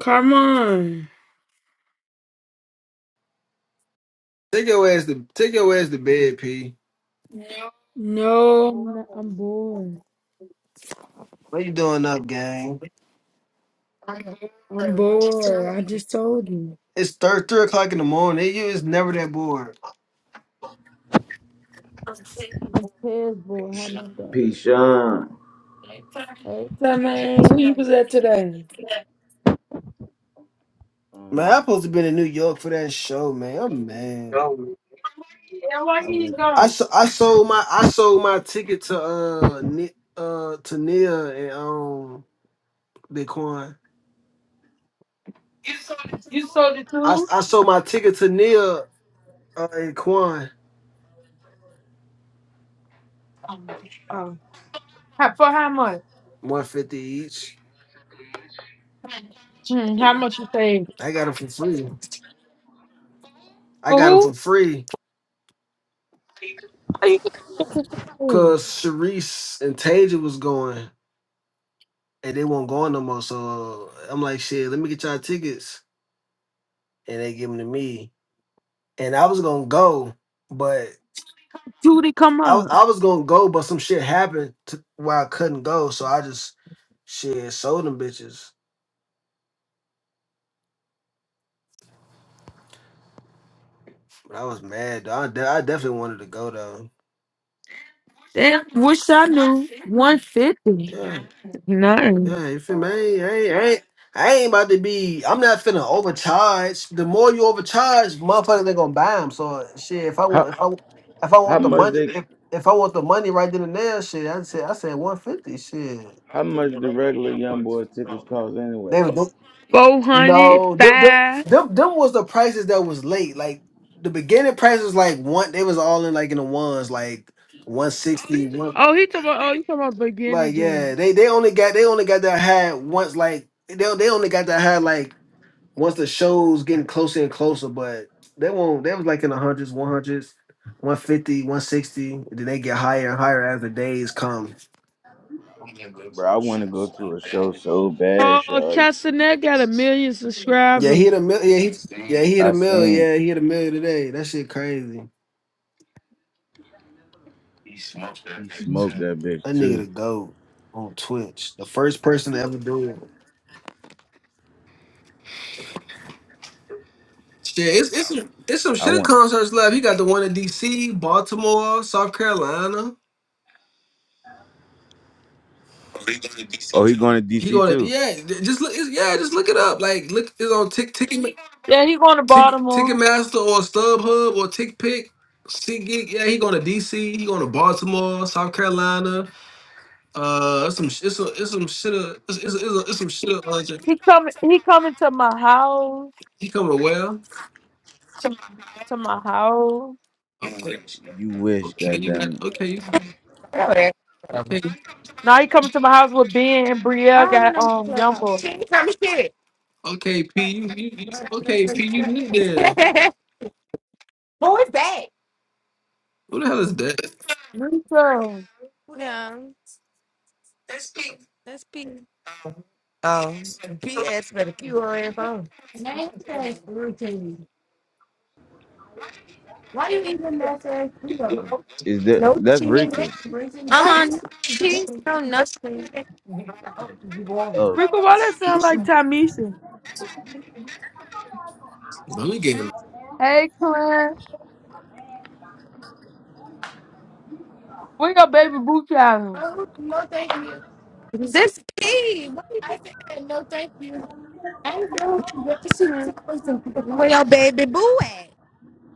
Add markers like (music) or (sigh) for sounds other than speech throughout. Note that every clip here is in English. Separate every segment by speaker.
Speaker 1: Come on.
Speaker 2: Take your ass to take your ass to bed, P.
Speaker 1: No, I'm bored.
Speaker 2: What you doing up, gang?
Speaker 1: I'm bored. I just told you.
Speaker 2: It's thir- three o'clock in the morning. You is never that bored.
Speaker 1: I'm past bored. How about that?
Speaker 3: P-Sean.
Speaker 1: Hey, So, man, where you was at today?
Speaker 2: Man, I
Speaker 3: Um,
Speaker 2: supposed to been in New York for that show, man. I'm mad.
Speaker 1: Go. Yeah, why
Speaker 3: I
Speaker 1: you
Speaker 3: went.
Speaker 1: didn't
Speaker 2: I,
Speaker 1: go?
Speaker 2: so- I sold my I sold my ticket to uh Ni- uh to Nia and um Bitcoin.
Speaker 1: You sold it
Speaker 2: I
Speaker 1: too?
Speaker 2: I sold my ticket to Nia uh, and Quan
Speaker 1: Oh. How, for how much?
Speaker 2: one fifty each.
Speaker 1: Hmm, how much you saved?
Speaker 2: I got them for free. I
Speaker 1: For
Speaker 2: got them for
Speaker 1: who?
Speaker 2: free
Speaker 1: How you get them bitches for free?
Speaker 2: because Sharice and Taja was going. and they won't go on no more. So I'm like, shit, let me get y'all tickets. And they give them to me. And I was gonna go, but
Speaker 1: Two to come
Speaker 2: I,
Speaker 1: up.
Speaker 2: I was gonna go, but some shit happened to where I couldn't go. So I just shit sold them bitches. But I was mad. Though. I, de- I definitely wanted to go though.
Speaker 1: Damn, wish I knew. 150. Nine.
Speaker 2: Yeah, Hey, I ain't, I ain't about to be. I'm not finna overcharge. The more you overcharge, motherfuckers they gonna buy them. So shit, if I
Speaker 3: How
Speaker 2: want, if I, if I
Speaker 3: how
Speaker 2: want the
Speaker 3: much
Speaker 2: money,
Speaker 3: they
Speaker 2: if, if I want the money right then and there, shit, I said, I said 150. Shit,
Speaker 3: how much the regular young boy tickets cost anyway?
Speaker 2: they
Speaker 1: 400.
Speaker 2: oh, them, them,
Speaker 1: Five.
Speaker 2: them, them was the prices that was late. Like the beginning price was like one. They was all in like in the ones, like one six.
Speaker 1: Oh, he talking about, oh, you talking about beginning,
Speaker 2: Like
Speaker 1: James.
Speaker 2: yeah, they they only got they only got that high once. Like they they only got that high like once the show's getting closer and closer, but they won't. They was like in the hundreds, one hundreds, one fifty, one sixty. Then they get higher and higher as the days come.
Speaker 3: Bro, I want to go to a show so bad,
Speaker 1: Oh,
Speaker 3: y'all.
Speaker 1: Castanet got a million
Speaker 2: Yeah, he
Speaker 1: subscribers.
Speaker 2: hit a mill. Yeah, he hit
Speaker 3: I
Speaker 2: a mill.
Speaker 3: seen
Speaker 2: Yeah, he hit a million today. That shit crazy.
Speaker 3: he smoked that bitch
Speaker 2: That nigga
Speaker 3: too.
Speaker 2: the goat on Twitch. The first person to ever do it. Shit, it's it's some, it's some
Speaker 3: I
Speaker 2: shit
Speaker 3: want.
Speaker 2: concerts left. He got the one in D.C., Baltimore, South Carolina.
Speaker 3: Oh, he going to
Speaker 2: He
Speaker 3: DC
Speaker 2: going to
Speaker 3: too?
Speaker 2: yeah. Just look. It's, yeah, just look it up. Like look, it's on Tick Ticket.
Speaker 1: Yeah, he going to
Speaker 2: Ticket
Speaker 1: Baltimore.
Speaker 2: Ticketmaster or StubHub or TickPick. SeatGeek, yeah, he going to DC, he going to Baltimore, South Carolina. Uh, it's some, sh- it's some, it's some shit. uh, It's, it's, it's, it's some shit. uh, like-
Speaker 1: He coming. He coming to my house.
Speaker 2: He coming to where?
Speaker 1: To my house.
Speaker 2: Okay,
Speaker 3: You wish,
Speaker 2: okay, you got
Speaker 3: goddamn it.
Speaker 2: okay, you
Speaker 4: Really? Um,
Speaker 2: okay,
Speaker 1: Now he coming to my house with Ben and Brielle.
Speaker 4: Why would
Speaker 1: Got
Speaker 4: no more
Speaker 1: um young
Speaker 4: clubhouse?
Speaker 1: boy.
Speaker 4: She ain't coming shit.
Speaker 2: okay, P, you, you, you okay, P, you need there.
Speaker 4: (laughs) Who is that?
Speaker 2: Who the hell is that?
Speaker 1: Rico.
Speaker 4: Yeah, that's P. oh, P.S. better keep her ass on. her phone. Name that routine. Why you even mess with Leo?
Speaker 3: Is that
Speaker 4: No
Speaker 3: that's
Speaker 4: cheating.
Speaker 3: Rika?
Speaker 4: Uh, huh. down. she's no nothing. Oh, You want? me?
Speaker 3: Oh,
Speaker 1: Rico, why that sound like Tamisha?
Speaker 2: Let me get
Speaker 1: Hey, Clint. Where your baby boo child?
Speaker 4: Oh, no, thank you. This P. What is I said no, thank you. I'm doing great. Where your baby boo at?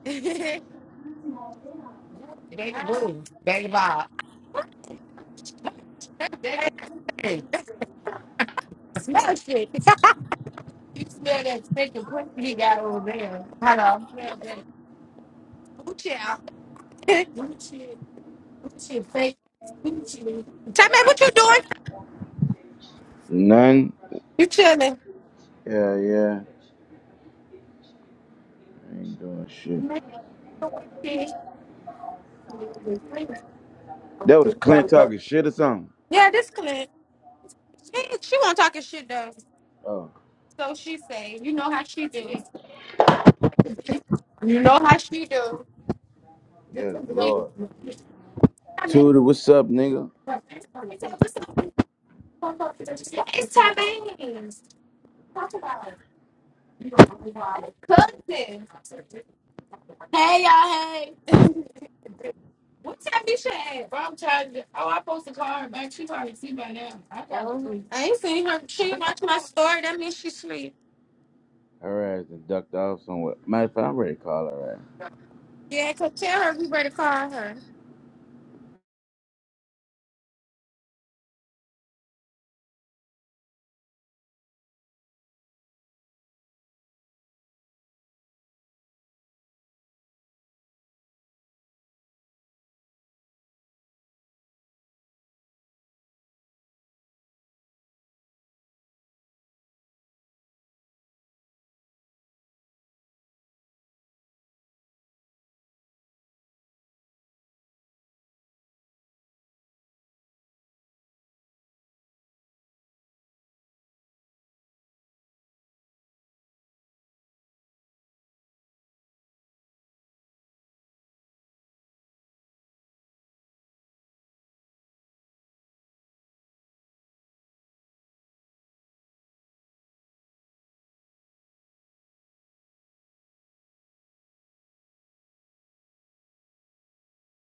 Speaker 4: (laughs) baby boo, baby Bob. That thing. Smell shit. (laughs) you smell that stinking pussy he got over there. Hello. Smell that boo shit. out. (laughs) Boo shit. Boo shit. Fake. Boo shit. Tell me what you doing.
Speaker 3: none.
Speaker 4: You chilling.
Speaker 3: Yeah, yeah. I ain't doing shit.
Speaker 4: Man, shit.
Speaker 3: That was Clint talking shit or something.
Speaker 4: Yeah, this clip. She, she won't talking shit though.
Speaker 3: Oh,
Speaker 4: So she say, you know how she do. You know how she do. It's
Speaker 3: yes, Lord. Tudor,
Speaker 4: Tabane's.
Speaker 3: what's up, nigga?
Speaker 4: Talk about it. Cousin. Hey y'all, hey. (laughs) What time you at? Bro, I'm trying to. Oh, I posted call her back. She probably see by now. I, probably Oh, I ain't seen her. She watched my story. That means she sleep.
Speaker 3: Her ass and ducked off somewhere. Matter of fact, I'm ready to call her ass.
Speaker 4: Yeah, cause tell her we better call her.